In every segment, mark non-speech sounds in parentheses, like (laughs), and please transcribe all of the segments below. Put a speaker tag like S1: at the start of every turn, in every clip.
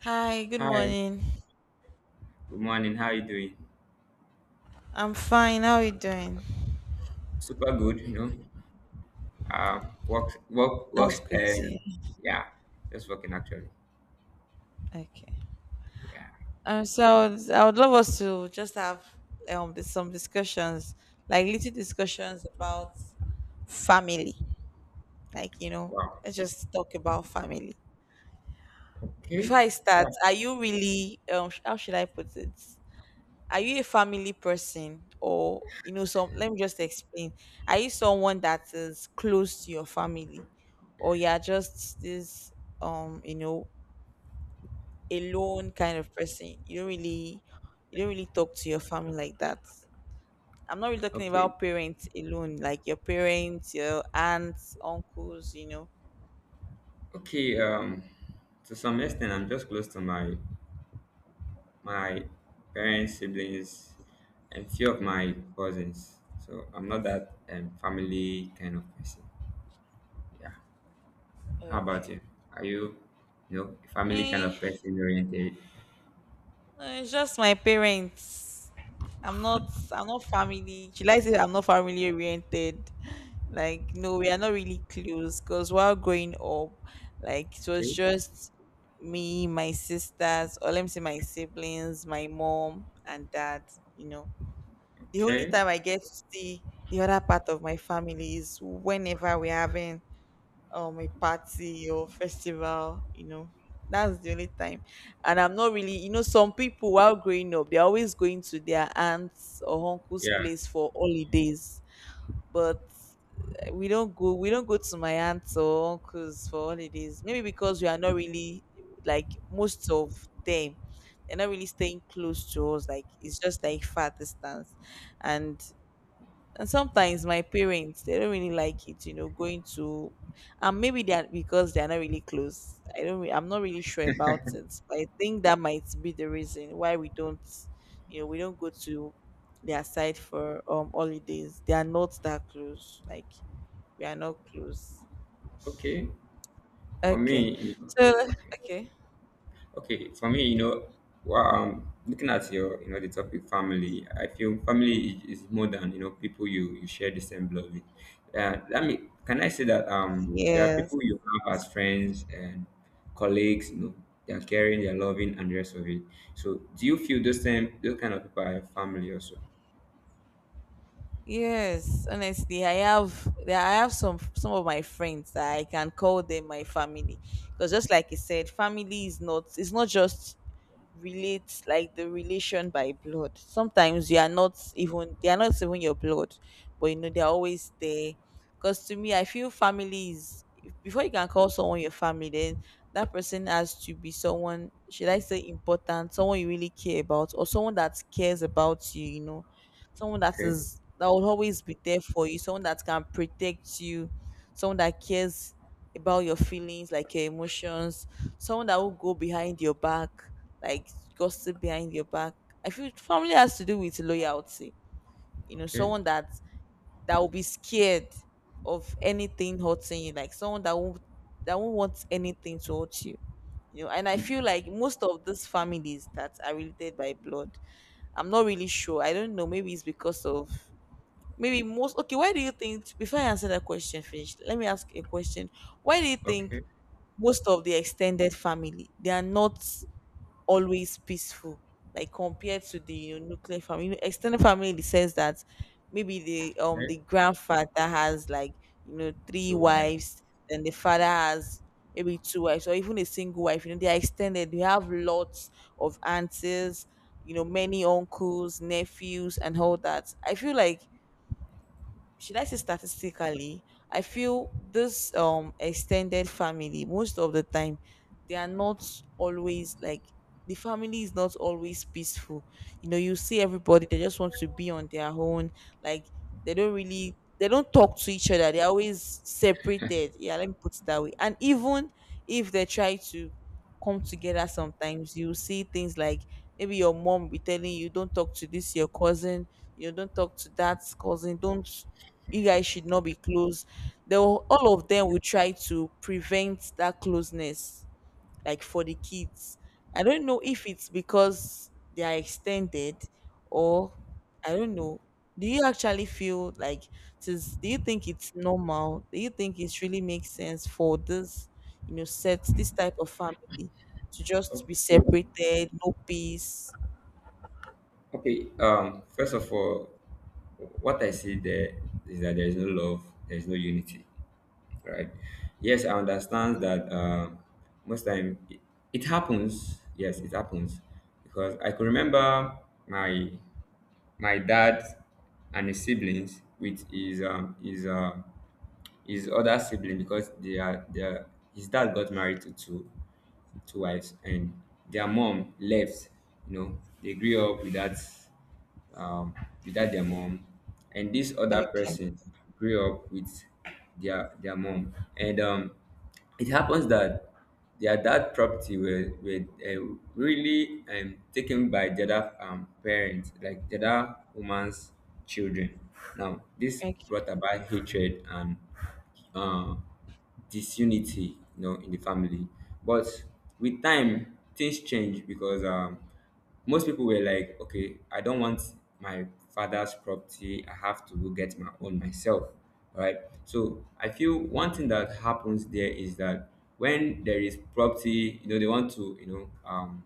S1: Hi, good
S2: Hi,
S1: morning.
S2: good morning. How are you doing?
S1: I'm fine. How are you doing?
S2: Super good, you know. Work, work, work.
S1: That's good to hear.
S2: Yeah, just working actually.
S1: Okay.
S2: Yeah.
S1: So I would love us to just have some discussions, like little discussions about family. Like,
S2: Wow.
S1: let's just talk about family. Before
S2: Okay.
S1: I start,
S2: Yeah.
S1: are you really, how should I put it? Are you a family person, or you know some let me just explain. Are you someone that is close to your family, or you're just this um you know alone kind of person? You don't really talk to your family like that. I'm not really talking
S2: Okay.
S1: about parents alone, like your parents, your aunts, uncles.
S2: Okay. To some extent, I'm just close to my my parents, siblings, and few of my cousins. So I'm not that family kind of person. Yeah. How about
S1: Okay.
S2: you? Are you, you know, family kind
S1: Me?
S2: of person oriented?
S1: No, it's just my parents. I'm not I'm not family. Should I say I'm not family oriented? Like, no, we are not really close, because while growing up, like, it was
S2: Okay.
S1: just me, my sisters, or let me say my siblings, my mom and dad, you know. The only
S2: Okay.
S1: time I get to see the other part of my family is whenever we're having a party or festival. That's the only time. And I'm not really— some people, while growing up, they're always going to their aunts or uncle's
S2: Yeah.
S1: place for holidays. But we don't go to my aunts or uncles for holidays, maybe because we are not really— like, most of them, they're not really staying close to us, like it's just like far distance. And and sometimes my parents, they don't really like it, going to— and maybe they're, because they're not really close. I don't, re- I'm not really sure about it, but I think that might be the reason why we don't, we don't go to their side for holidays. They are not that close. Like, we are not close.
S2: Okay. For
S1: Okay,
S2: me,
S1: so
S2: okay,
S1: okay,
S2: okay. For me, you know, well, looking at your, you know, the topic family, I feel family is more than you know people you share the same blood with. Let me can I say that there are
S1: yes.
S2: people you have as friends and colleagues, you know, they are caring, they are loving, and the rest of it. So, do you feel those same those kind of people are your family also?
S1: Yes, honestly, I have— some of my friends that I can call them my family, because just like you said, family is not, it's not just, relate like the relation by blood. Sometimes you are not even they are not even your blood, but you know, they're always there. Because to me, I feel family is— before you can call someone your family, then that person has to be someone, should I say, important, someone you really care about, or someone that cares about you. You know, someone that
S2: Okay,
S1: is that will always be there for you, someone that can protect you, someone that cares about your feelings, like your emotions, someone that will go behind your back, like, gossip behind your back. I feel family has to do with loyalty. You know,
S2: okay,
S1: someone that will be scared of anything hurting you, like someone that won't want anything to hurt you. You know, and I feel like most of these families that are related by blood— I'm not really sure. I don't know. Maybe it's because of, maybe most— okay, why do you think? Before I answer that question, finish. Let me ask a question. Why do you think
S2: okay,
S1: most of the extended family, they are not always peaceful, like compared to the, nuclear family? You know, extended family in the sense that maybe the um
S2: okay.
S1: the grandfather has, like, three
S2: So I
S1: wives, then the father has maybe two wives or even a single wife. You know, they are extended, they have lots of aunties, you know, many uncles, nephews, and all that. I feel like, should I say, statistically, I feel this extended family most of the time, they are not always, like, the family is not always peaceful. You know, you see everybody, they just want to be on their own. Like, they don't talk to each other. They're always separated. Yeah, let me put it that way. And even if they try to come together, sometimes you see things like, maybe your mom will be telling you, don't talk to this, your cousin, you know, don't talk to that cousin, don't— you guys should not be close. All of them will try to prevent that closeness, like, for the kids. I don't know if it's because they are extended, or— I don't know. Do you actually feel like— do you think it's normal? Do you think it really makes sense for this you know, set this type of family to just be
S2: okay.
S1: separated, no peace?
S2: Okay, first of all, what I see there is that there is no love, there is no unity, right? Yes, I understand that most time it happens. Yes, it happens because I can remember my my dad and his siblings with his other sibling because they are, his dad got married to two wives, and their mom left. You know, they grew up without um, without their mom, and this other
S1: Okay.
S2: person grew up with their mom, and it happens that their dad property were uh, really taken by the other parents, like the other woman's children. Now, this
S1: Okay.
S2: brought about hatred and uh, disunity you know in the family but with time things change because most people were like okay I don't want my father's property. I have to go get my own myself, right? So I feel one thing that happens there is that when there is property, you know, they want to you know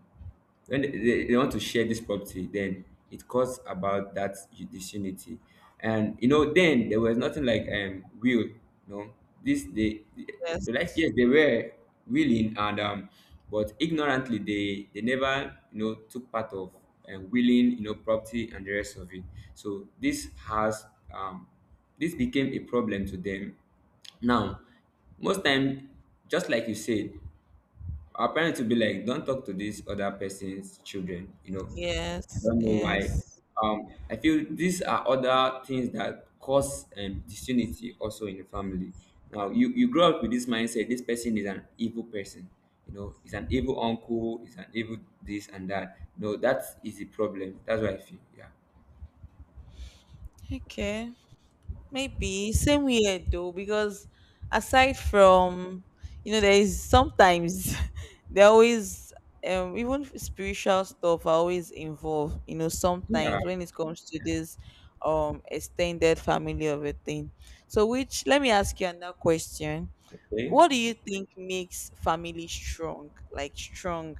S2: when they want to share this property, then it caused about that disunity. And you know then there was nothing like will no this they,
S1: Yes.
S2: they like yes they were willing and but ignorantly they never you know took part of and willing you know property and the rest of it. So this has um this became a problem to them. Now, most time, just like you said, our parents will be like, don't talk to this other person's children, you know. I
S1: Yes.
S2: don't know
S1: Yes.
S2: why. I feel these are other things that cause disunity also in the family. Now, you grow up with this mindset this person is an evil person, you know, he's an evil uncle, he's an evil this and that. No, that is the problem. That's what I feel. Yeah.
S1: Okay. Maybe same here though, because aside from, there is sometimes (laughs) there always, even spiritual stuff are always involved, you know,
S2: Yeah.
S1: sometimes when it comes to this extended family of a thing. So, which— let me ask you another question.
S2: Okay.
S1: What do you think makes family strong, like strong?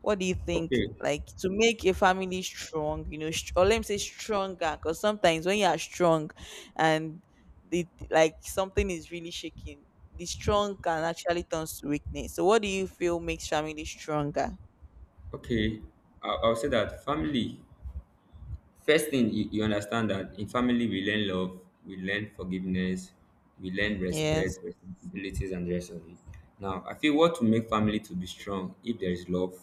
S1: What do you think,
S2: Okay.
S1: like, to make a family strong, you know, or let me say stronger, because sometimes when you are strong and the like, something is really shaking, the strong can actually turn to weakness. So what do you feel makes family stronger?
S2: Okay. I'll say that family. First thing you understand that in family we learn love, we learn forgiveness, we learn
S1: Yes.
S2: respect, responsibilities, and the rest of it. Now I feel what to make family to be strong if there is love.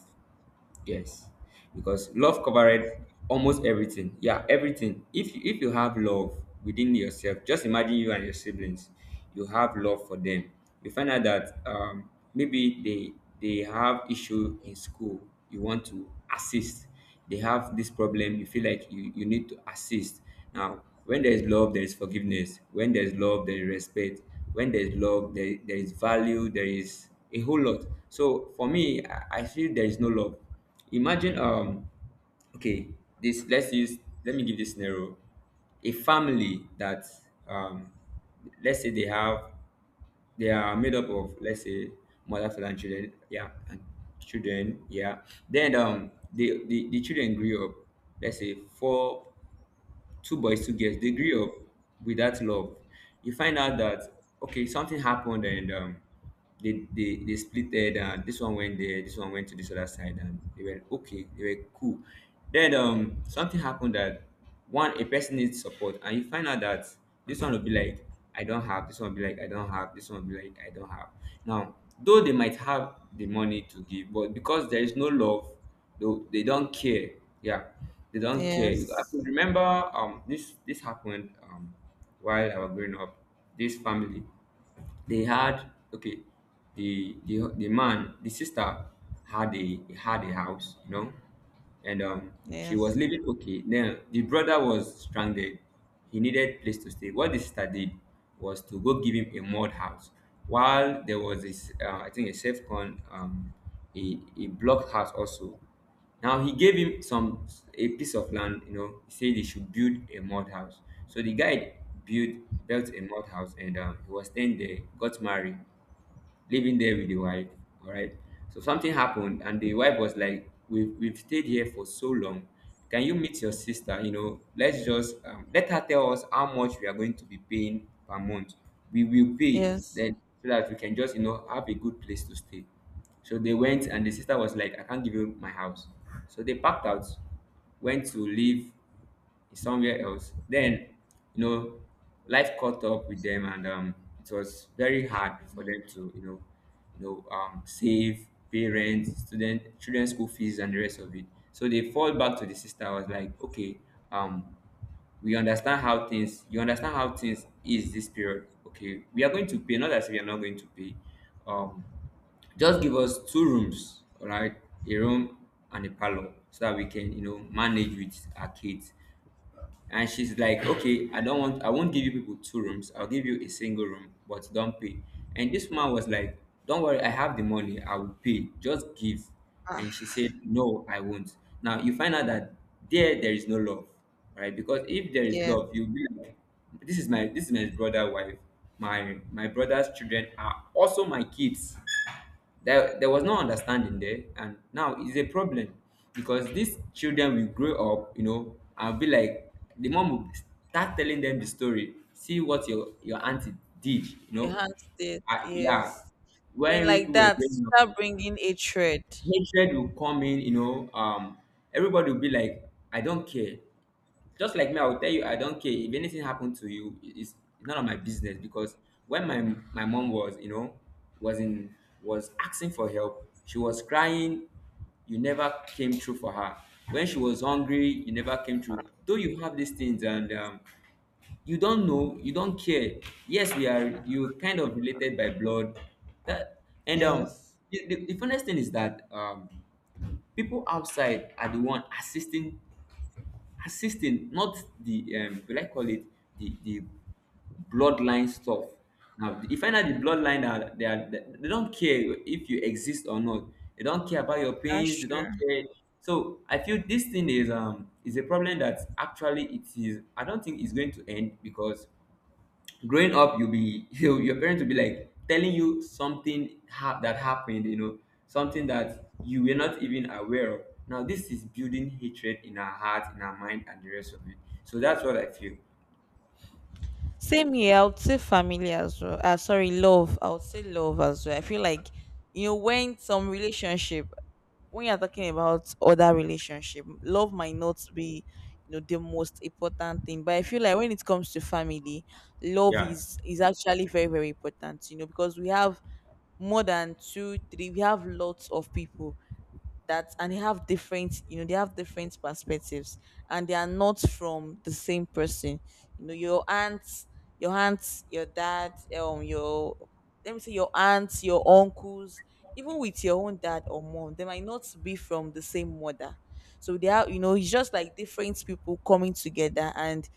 S2: Yes, because love covered almost everything. Yeah, everything. If you have love within yourself, just imagine you and your siblings. You have love for them. You find out that maybe they have issue in school. You want to assist. They have this problem. You feel like you need to assist. Now, when there is love, there is forgiveness. When there is love, there is respect. When there is love, there is value. There is a whole lot. So for me, I feel there is no love. Imagine okay, this let's use let me give this scenario. A family that um let's say they have they are made up of let's say mother, father and children, yeah, and children, yeah. Then the children grew up, let's say four, two boys, two girls, they grew up with that love. You find out that okay, something happened and they, they splitted and this one went there, this one went to this other side and they were okay, they were cool. Then something happened that one a person needs support and you find out that this one will be like I don't have, this one will be like I don't have, this one will be like I don't have. Now, though they might have the money to give, but because there is no love they, they don't care. Yeah, they don't care. I can
S1: Yes.
S2: remember this happened while I was growing up. This family they had okay the man the sister had a had a house you know and she was
S1: Yes.
S2: living okay then the brother was stranded. He needed place to stay. What the sister did was to go give him a mud house while there was this I think a safe con a block house also. Now he gave him some a piece of land, you know, he said he should build a mud house. So the guy built built a mud house and he was staying there, got married, living there with the wife. All right. So something happened, and the wife was like, "We've stayed here for so long. Can you meet your sister? You know, let's just let her tell us how much we are going to be paying per month. We will pay
S1: Yes.
S2: then so that we can just you know have a good place to stay." So they went, and the sister was like, "I can't give you my house." So they packed out, went to live is somewhere else. Then, you know, life caught up with them, and it was very hard for them to, you know, save parents, student, children school fees, and the rest of it. So they fall back to the sister. I was like, okay, um, we understand how things. You understand how things is this period. Okay, we are going to pay. Not as we are not going to pay. Um, just give us two rooms, all right, a room and a parlor, so that we can, you know, manage with our kids. And she's like okay I don't want, I won't give you people two rooms, I'll give you a single room but don't pay. And this man was like don't worry I have the money I will pay just give.
S1: Ah,
S2: And she said no I won't. Now you find out that there is no love, right? Because if there is
S1: yes.
S2: love you'll be like this is my brother wife, my brother's children are also my kids. There was no understanding there, and now it's a problem because these children will grow up, you know, and be like the mom will start telling them the story. See what your auntie did, you
S1: Your
S2: know.
S1: hands did,
S2: Yeah,
S1: yes. Then,
S2: when we
S1: like
S2: people were
S1: that,
S2: growing up,
S1: start bringing a thread.
S2: hatred will come in, you know. Everybody will be like, I don't care just like me, I will tell you, I don't care if anything happened to you. It's none of my business because when my mom was, you know, was in was asking for help, she was crying. You never came through for her. When she was hungry, you never came through. Though you have these things and you don't know, you don't care. Yes, we are. You kind of related by blood. That and
S1: Yes.
S2: the funniest thing is that people outside are the one assisting not the will I call it the bloodline stuff. Now if I know the bloodline that they are they don't care if you exist or not. They don't care about your pains,
S1: That's
S2: they don't
S1: true.
S2: care. So I feel this thing is a problem that actually it is I don't think it's going to end because growing up you'll be (laughs) you, your parents will be like telling you something that happened you know something that you were not even aware of. Now this is building hatred in our heart, in our mind, and the rest of it. So that's what I feel.
S1: Same here, I would say family as well. Sorry, love. I would say love as well. I feel like, you know, when some relationship, when you're talking about other relationship, love might not be, you know, the most important thing. But I feel like when it comes to family, love
S2: Yeah.
S1: is is actually very, very important. You know, because we have more than two, three. We have lots of people that— and they have different, they have different perspectives, and they are not from the same person. You know, your aunts, your dad, your— let me say your aunts, your uncles. Even with your own dad or mom, they might not be from the same mother. So they are, you know, it's just like different people coming together, and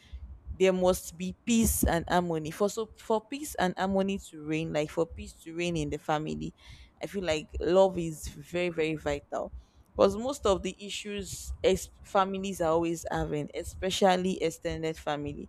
S1: there must be peace and harmony for— for peace and harmony to reign, like, for peace to reign in the family, I feel like love is very, very vital, because most of the issues families are always having, especially extended family,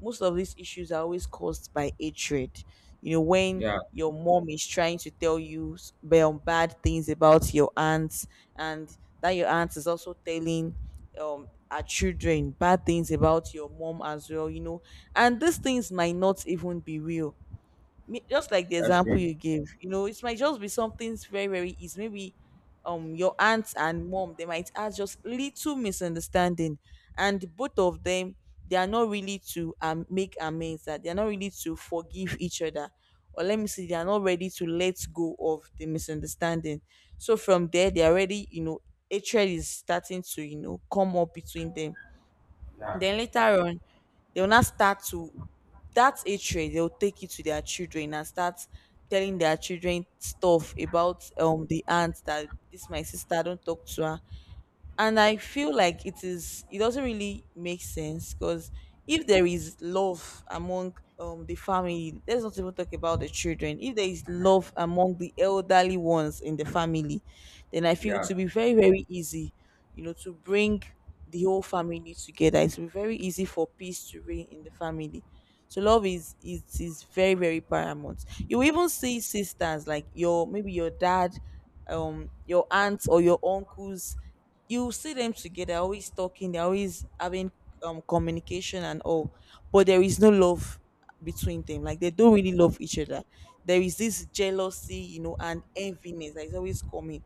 S1: most of these issues are always caused by hatred. You know, when
S2: Yeah.
S1: your mom is trying to tell you bad things about your aunt, and that your aunt is also telling our children bad things about your mom as well, you know. And these things might not even be real. Just like the
S2: That's
S1: example
S2: true.
S1: you gave, you know, it might just be something very, very easy. Maybe your aunt and mom, they might have just little misunderstanding. And both of them, they are not really to make amends, that they are not really to forgive each other. Or let me see, they are not ready to let go of the misunderstanding. So from there, they are already, you know, hatred is starting to, you know, come up between them.
S2: Yeah.
S1: Then later on, they will not start to— that's a trade, they'll take it to their children and start telling their children stuff about the aunt, that this my sister, don't talk to her. And I feel like it doesn't really make sense, because if there is love among the family— let's not even talk about the children, if there is love among the elderly ones in the family, then I feel it
S2: Yeah.
S1: to be very, very easy, you know, to bring the whole family together. It will be very easy for peace to reign in the family. So love is very, very paramount. You will even see sisters, like your maybe your dad, your aunts or your uncles, you see them together, they're always talking, they're always having communication and all, but there is no love between them, like they don't really love each other. There is this jealousy, you know, and enviness that is always coming.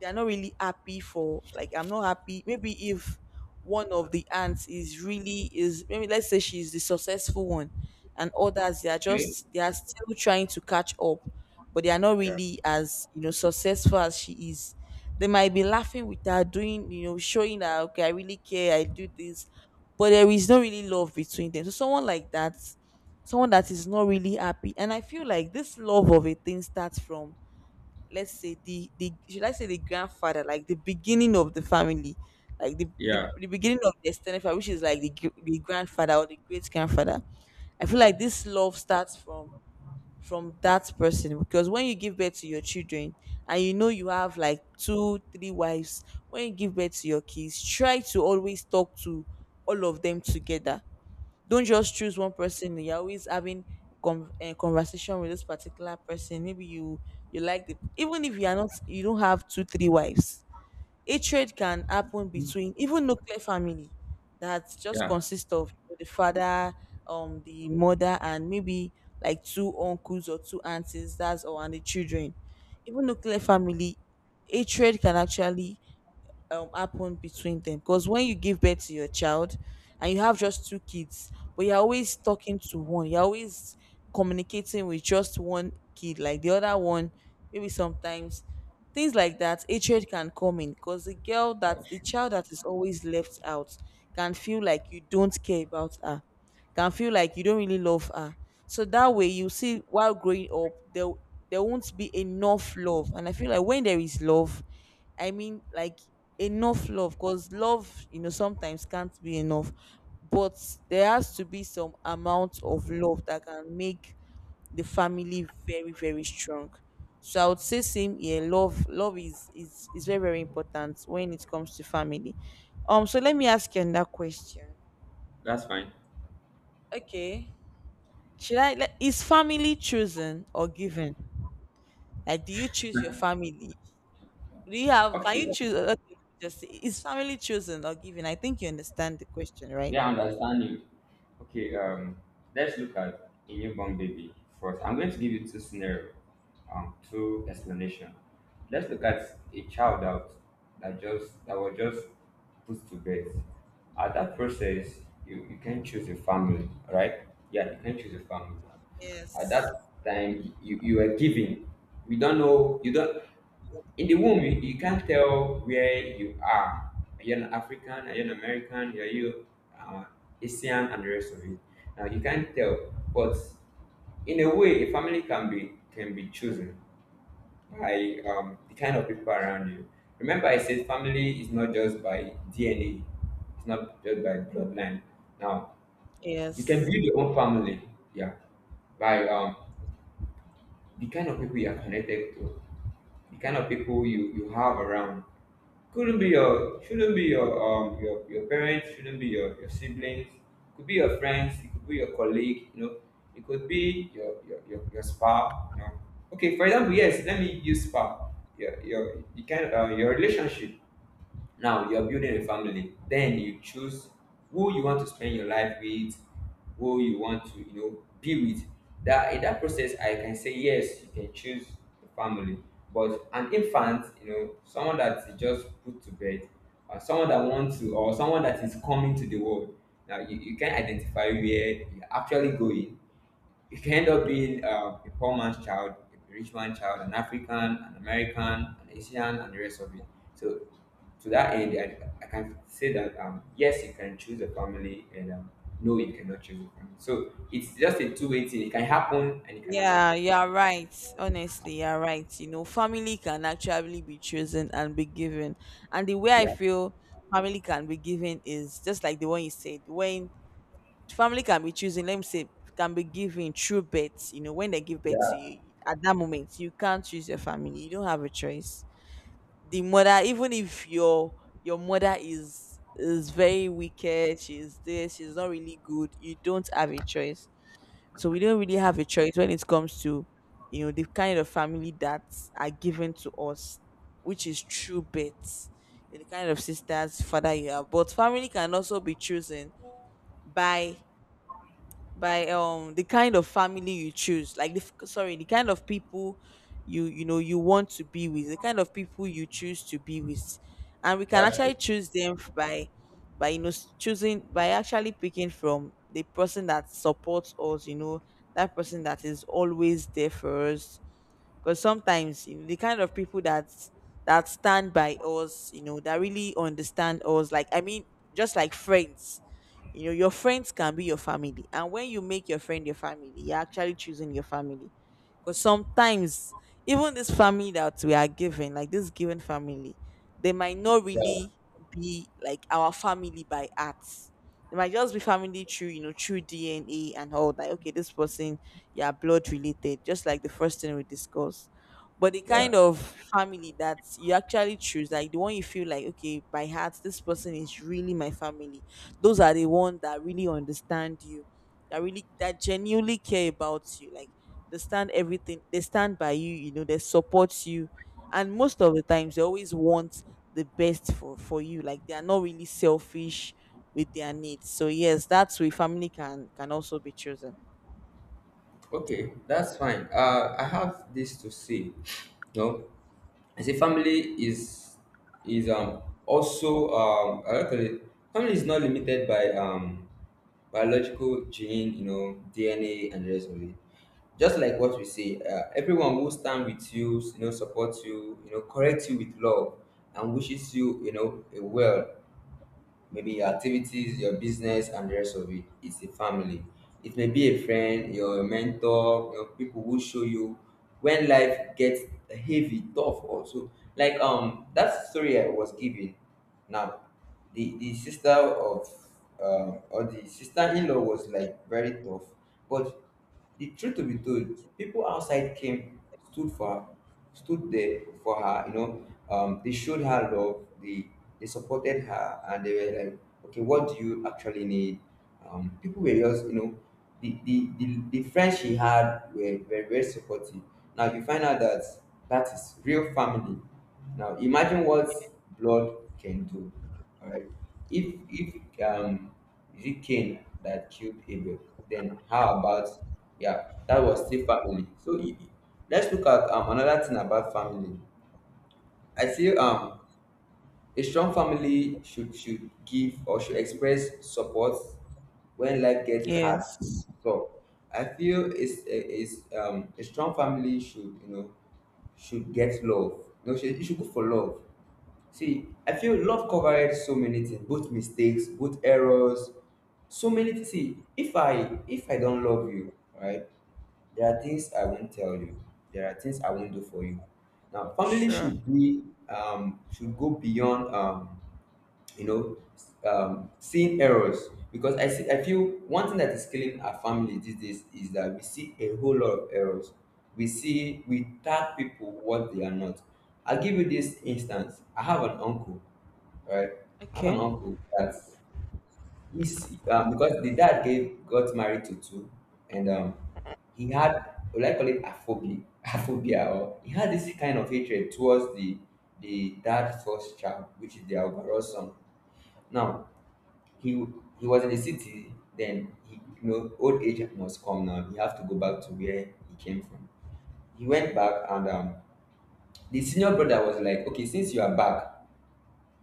S1: They're not really happy for— like, I'm not happy, maybe if one of the aunts is maybe, let's say, she's the successful one, and others,
S2: Okay.
S1: they are still trying to catch up, but they are not
S2: Yeah.
S1: really as, you know, successful as she is. They might be laughing with her, doing, you know, showing her, okay, I really care, I do this, but there is no really love between them. So someone like that, someone that is not really happy. And I feel like this love of a thing starts from— let's say, the should I say, the grandfather, like the beginning of the family, like the the,
S2: Yeah.
S1: the beginning of the extended family, which is like the grandfather or the great grandfather. I feel like this love starts from that person because when you give birth to your children and you know you have like two three wives. When you give birth to your kids, try to always talk to all of them together. Don't just choose one person. You're always having conversation with this particular person. Maybe you you like the even if you are not, you don't have two three wives. A trade can happen between even nuclear family that just
S2: Yeah.
S1: consists of the father, the mother, and maybe like two uncles or two aunties. That's all, and the children. Even nuclear family, a trade can actually happen between them, because when you give birth to your child and you have just two kids but you're always talking to one, you're always communicating with just one kid, like the other one maybe sometimes things like that, hatred can come in, because the girl that
S2: That's
S1: the
S2: true.
S1: child that is always left out can feel like you don't care about her, can feel like you don't really love her. So that way you see, while growing up, there won't be enough love. And I feel like when there is love, I mean, like, enough love, because love, you know, sometimes can't be enough, but there has to be some amount of love that can make the family very, very strong. So I would say same here. Love is is very, very important when it comes to family. So let me ask you another question.
S2: That's fine.
S1: Okay, is family chosen or given? Like, do you choose your family? Do you have? Can you
S2: Okay.
S1: choose? Okay, let me just say, is family chosen or given? I think you understand the question, right?
S2: Yeah, I understand you. Okay, let's look at a newborn baby first. I'm going to give you two scenario, two explanation. Let's look at a child out that just that was just put to bed. At that process, you can choose a family, right? Yeah, you can choose a family. At
S1: Yes.
S2: that time, you were given. We don't know. You don't. In the womb you can't tell where you are. Are you an African? Are you an American? Are you uh, Asian and the rest of it? Now you can't tell, but in a way a family can be chosen by the kind of people around you. Remember I said family is not just by DNA, it's not just by bloodline. Now you can
S1: Yes.
S2: build your own family, yeah, by the kind of people you are connected to, the kind of people you have around. Couldn't be your Shouldn't be your your parents, shouldn't be your, siblings. Could be your friends, it could be your colleague, you know, it could be your spa, you know. Okay, for example, yes, let me use spa. Your the kind your relationship. Now you're building a family. Then you choose who you want to spend your life with, who you want to, you know, be with. That in that process, I can say yes, you can choose the family. But an infant, you know, someone that is just put to bed, or someone that wants to, or someone that is coming to the world. Now you can identify where you're actually going. You can end up being a poor man's child, a rich man's child, an African, an American, an Asian, and the rest of it. So to that end, I can say that yes, you can choose a family, and no, you cannot choose a family. So it's just a two-way thing. It can happen and it cannot happen.
S1: Yeah, you are right. Honestly, you are right. You know, family can actually be chosen and be given. And the way I
S2: Yeah,
S1: feel family can be given is just like the one you said. When family can be chosen, let me say, can be given through birth. You know, when they give birth to
S2: yeah,
S1: you, at that moment, you can't choose your family. You don't have a choice. The mother, even if your your mother is very wicked, she's this, she's not really good, you don't have a choice. So we don't really have a choice when it comes to, you know, the kind of family that are given to us, which is true birth, the kind of sisters father you have. But family can also be chosen by the kind of family you choose, like the f- sorry the kind of people you, you know, you want to be with, the kind of people you choose to be with. And we can
S2: that's
S1: actually
S2: true.
S1: choose them by, you know, choosing by actually picking from the person that supports us, you know, that person that is always there for us. Because sometimes, you know, the kind of people that stand by us, you know, that really understand us, like I mean, just like friends, you know, your friends can be your family. And when you make your friend your family, you're actually choosing your family. Because sometimes even this family that we are given, like this given family, they might not
S2: Yeah,
S1: really be like our family by heart. It might just be family through, you know, through DNA and all that. Okay, this person, yeah, blood related, just like the first thing we discussed. But the kind
S2: yeah.
S1: of family that you actually choose, like the one you feel like, okay, by heart this person is really my family, those are the ones that really understand you, that really, that genuinely care about you, like they stand everything, they stand by you, you know, they support you, and most of the times they always want the best for you, like they are not really selfish with their needs. So yes, that's where family can also be chosen.
S2: Okay, that's fine. I have this to say. No. I say family is is um also um. I like to say family is not limited by biological gene, you know, DNA and the rest of it. Just like what we say, everyone who stand with you, you know, supports you, you know, corrects you with love and wishes you, you know, a well, maybe your activities, your business, and the rest of it. It's a family. It may be a friend, your mentor, your people who show you when life gets heavy, tough also. Like that story I was giving now, the sister of or the sister in law was like very tough. But the truth to be told, people outside came, stood for her, stood there for her, you know, they showed her love, they supported her and they were like, okay, what do you actually need? People were just, you know, the friends she had were very supportive. Now you find out that that is real family. Now imagine what blood can do. All right. If um is it Cain that killed Abel, then how about, yeah, that was still family. So let's look at another thing about family. I feel a strong family should give or should express support when life gets hard.
S1: Yes.
S2: So I feel it's is a strong family should, you know, should get love. No, should, you should go for love. See, I feel love covered so many things, both mistakes, both errors, so many things. See, if I don't love you, right? There are things I won't tell you. There are things I won't do for you. Now, family
S1: Sure.
S2: should be should go beyond you know, seeing errors, because I see I feel one thing that is killing our family these days is that we see a whole lot of errors. We tag people what they are not. I'll give you this instance. I have an uncle, right? I have an
S1: Okay.
S2: uncle that he's because the dad gave got married to two, and he had, would I call it aphobia, (laughs) aphobia, or he had this kind of hatred towards the dad first child, which is their overall son. Now he he was in the city, then he, you know, old age must come now. He have to go back to where he came from. He went back, and the senior brother was like, okay, since you are back,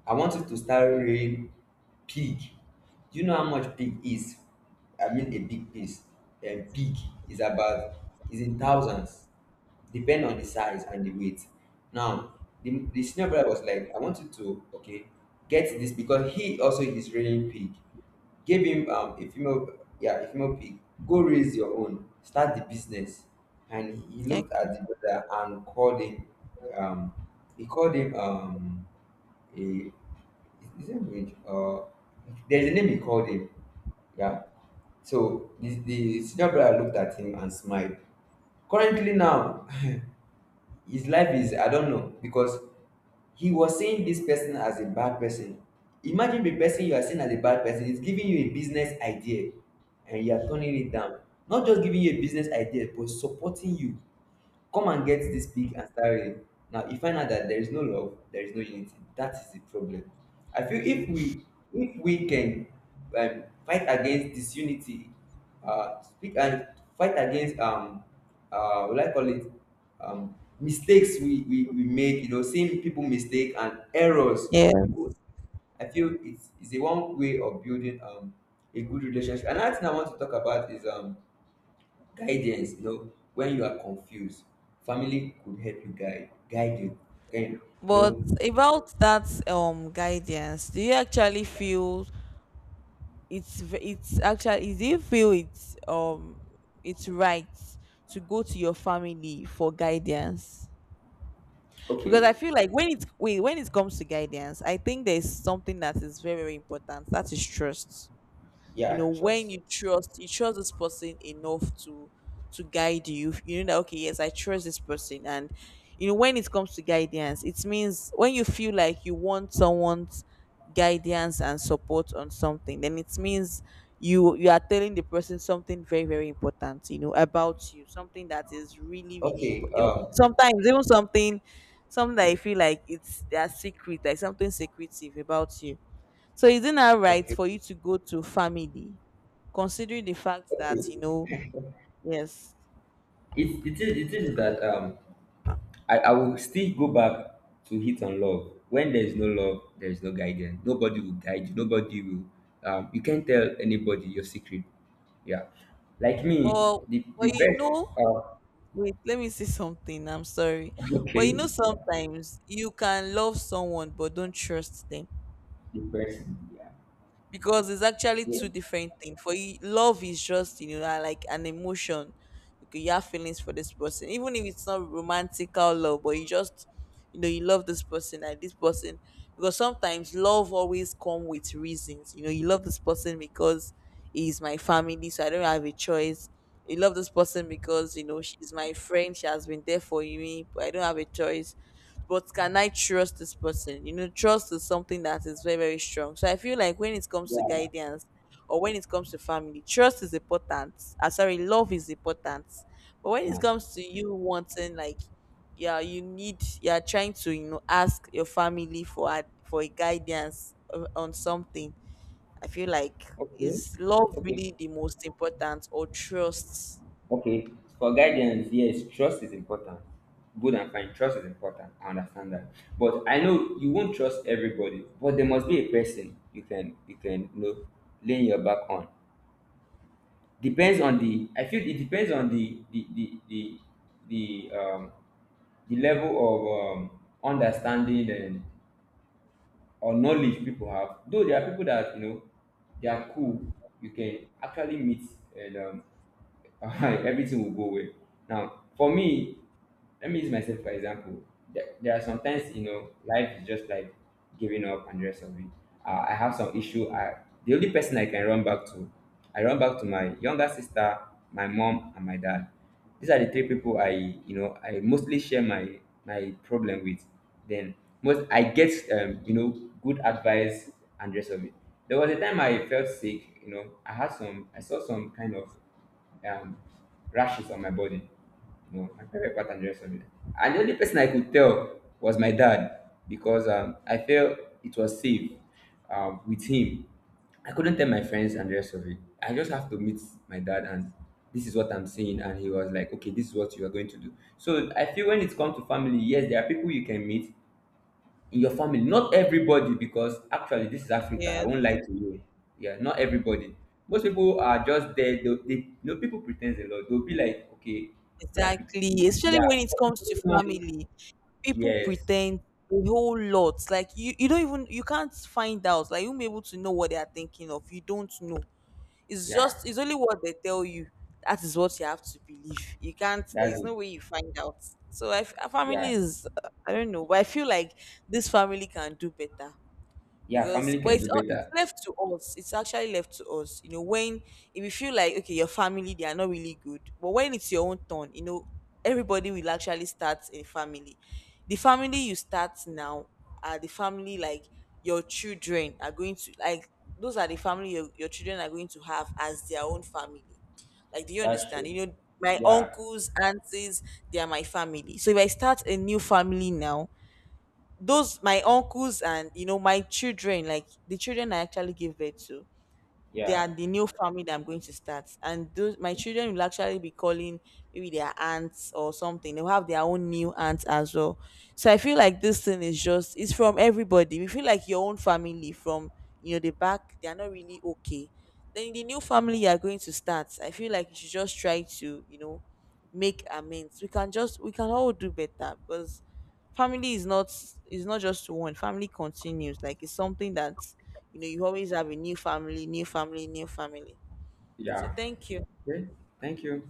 S2: I want you to start rearing pig. Do you know how much pig is? I mean, a big piece. A pig is about is in thousands, depend on the size and the weight. Now, the senior brother was like, I want you to, okay, get this, because he also is raising pig. Give him a female, yeah, a female pig. Go raise your own. Start the business. And he
S1: Ec-
S2: looked at the brother and called him um he called him he, is it Rich? There's a name he called him. Yeah. So the senior brother looked at him and smiled. Currently now, (laughs) his life is I don't know, because he was seeing this person as a bad person. Imagine the person you are seeing as a bad person is giving you a business idea and you are turning it down. Not just giving you a business idea, but supporting you. Come and get this pig and start reading. Now you find out that there is no love, there is no unity. That is the problem. I feel if we can fight against disunity, speak and fight against what do I call it, mistakes we make. You know, seeing people mistake and errors.
S1: Yeah.
S2: People, I feel it's a one way of building a good relationship. Another thing I want to talk about is guidance, you know, when you are confused, family could help you guide, guide you guide You
S1: But
S2: know.
S1: about that guidance, do you actually feel it's v- it's actually do you feel it's right to go to your family for guidance? Because
S2: Okay.
S1: I feel like when it comes to guidance, I think there's something that is very, very important. That is trust. You know,
S2: Yeah,
S1: when
S2: trust.
S1: you trust, you trust this person enough to guide you, you know that, okay, yes, I trust this person. And you know, when it comes to guidance, it means when you feel like you want someone's guidance and support on something, then it means you you are telling the person something very, very important, you know, about you, something that is really, really
S2: Okay.
S1: important, sometimes even something, something that you feel like it's their secret, like something secretive about you. So is it not right
S2: Okay.
S1: for you to go to family, considering the fact that, you
S2: Okay
S1: know, yes,
S2: it, it is that I will still go back to hit on love. When there is no love, there is no guidance. Nobody will guide you, nobody will you can't tell anybody your secret. Yeah, like me,
S1: but
S2: the
S1: but you
S2: best.
S1: know,
S2: uh
S1: wait, let me say something. I'm sorry,
S2: (laughs)
S1: but
S2: okay.
S1: you know,
S2: Yeah,
S1: sometimes you can love someone but don't trust them.
S2: the person, yeah.
S1: Because it's actually
S2: yeah
S1: two different things. For you, love is just, you know, na like an emotion. You could have feelings for this person, even if it's not romantical love, but you just, you know, you love this person and this person. Because sometimes love always come with reasons. You know, you love this person because he's my family, so I don't have a choice. You love this person because, you know, she's my friend. She has been there for me, but I don't have a choice. But can I trust this person? You know, trust is something that is very, very strong. So I feel like when it comes to
S2: yeah
S1: guidance or when it comes to family, trust is important. Ah, sorry, love is important. But when it
S2: Once.
S1: comes to you wanting, like, yeah, you need, you're trying to, you know, ask your family for for a guidance on something. I feel like,
S2: Okay.
S1: is love
S2: Okay.
S1: really the most important or trust?
S2: Okay. For guidance, yes, trust is important. Good and fine. Trust is important. I understand that. But I know you won't trust everybody, but there must be a person you can you know lean your back on. Depends on the, I feel it depends on the the level of understanding and or knowledge people have. Though there are people that, you know, they are cool, you can actually meet and (laughs) everything will go well. Now, for me, let me use myself for example. There are sometimes, you know, life is just like giving up and the rest of it. I have some issue. The only person I can run back to, I run back to my younger sister, my mom, and my dad. These are the three people I, you know, I mostly share my problem with. Then most I get, you know, good advice and the rest of it. There was a time I felt sick. You know, I saw some kind of um, rashes on my body. You know, my period pattern just on. And the only person I could tell was my dad, because I felt it was safe with him. I couldn't tell my friends and the rest of it. I just have to meet my dad and this is what I'm seeing. And he was like, okay, this is what you are going to do. So I feel when it comes to family, yes, there are people you can meet in your family, not everybody, because actually this is Africa, I
S1: Yes.
S2: won't lie to you. Yeah, not everybody. Most people are just there. They you know, people pretend a lot. They'll be like, okay,
S1: Exactly. Especially when it comes to
S2: yeah.
S1: family, people
S2: Yes.
S1: pretend a whole lot. Like you don't even you can't find out. Like you won't be able to know what they are thinking of. You don't know. It's
S2: Yeah,
S1: just it's only what they tell you. That is what you have to believe. You can't. There
S2: that's
S1: is
S2: it.
S1: no way you find out. So our family
S2: Yeah.
S1: is. I don't know, but I feel like this family can do better.
S2: Yeah,
S1: Because
S2: family
S1: but
S2: can
S1: it's
S2: do
S1: all it's
S2: better.
S1: left to us. It's actually left to us. You know, when if you feel like, okay, your family they are not really good, but when it's your own turn, you know, everybody will actually start a family. The family you start now are the family, like your children are going to, like those are the family your children are going to have as their own family. Like, do you
S2: That's
S1: understand?
S2: true.
S1: You know, my
S2: Yeah.
S1: uncles, aunties, they are my family. So if I start a new family now, those my uncles and you know my children, like the children I actually give birth to, they are
S2: Yeah.
S1: the new family that I'm going to start. And those my children will actually be calling maybe their aunts or something, they'll have their own new aunts as well. So I feel like this thing is just it's from everybody. We feel like your own family from, you know, the back they are not really okay. Then the new family you are going to start, I feel like you should just try to, you know, make amends. We can just we can all do better. Because family is not just one family continues, like it's something that, you know, you always have a new family, new family. So
S2: Yeah.
S1: thank you.
S2: Okay, thank you.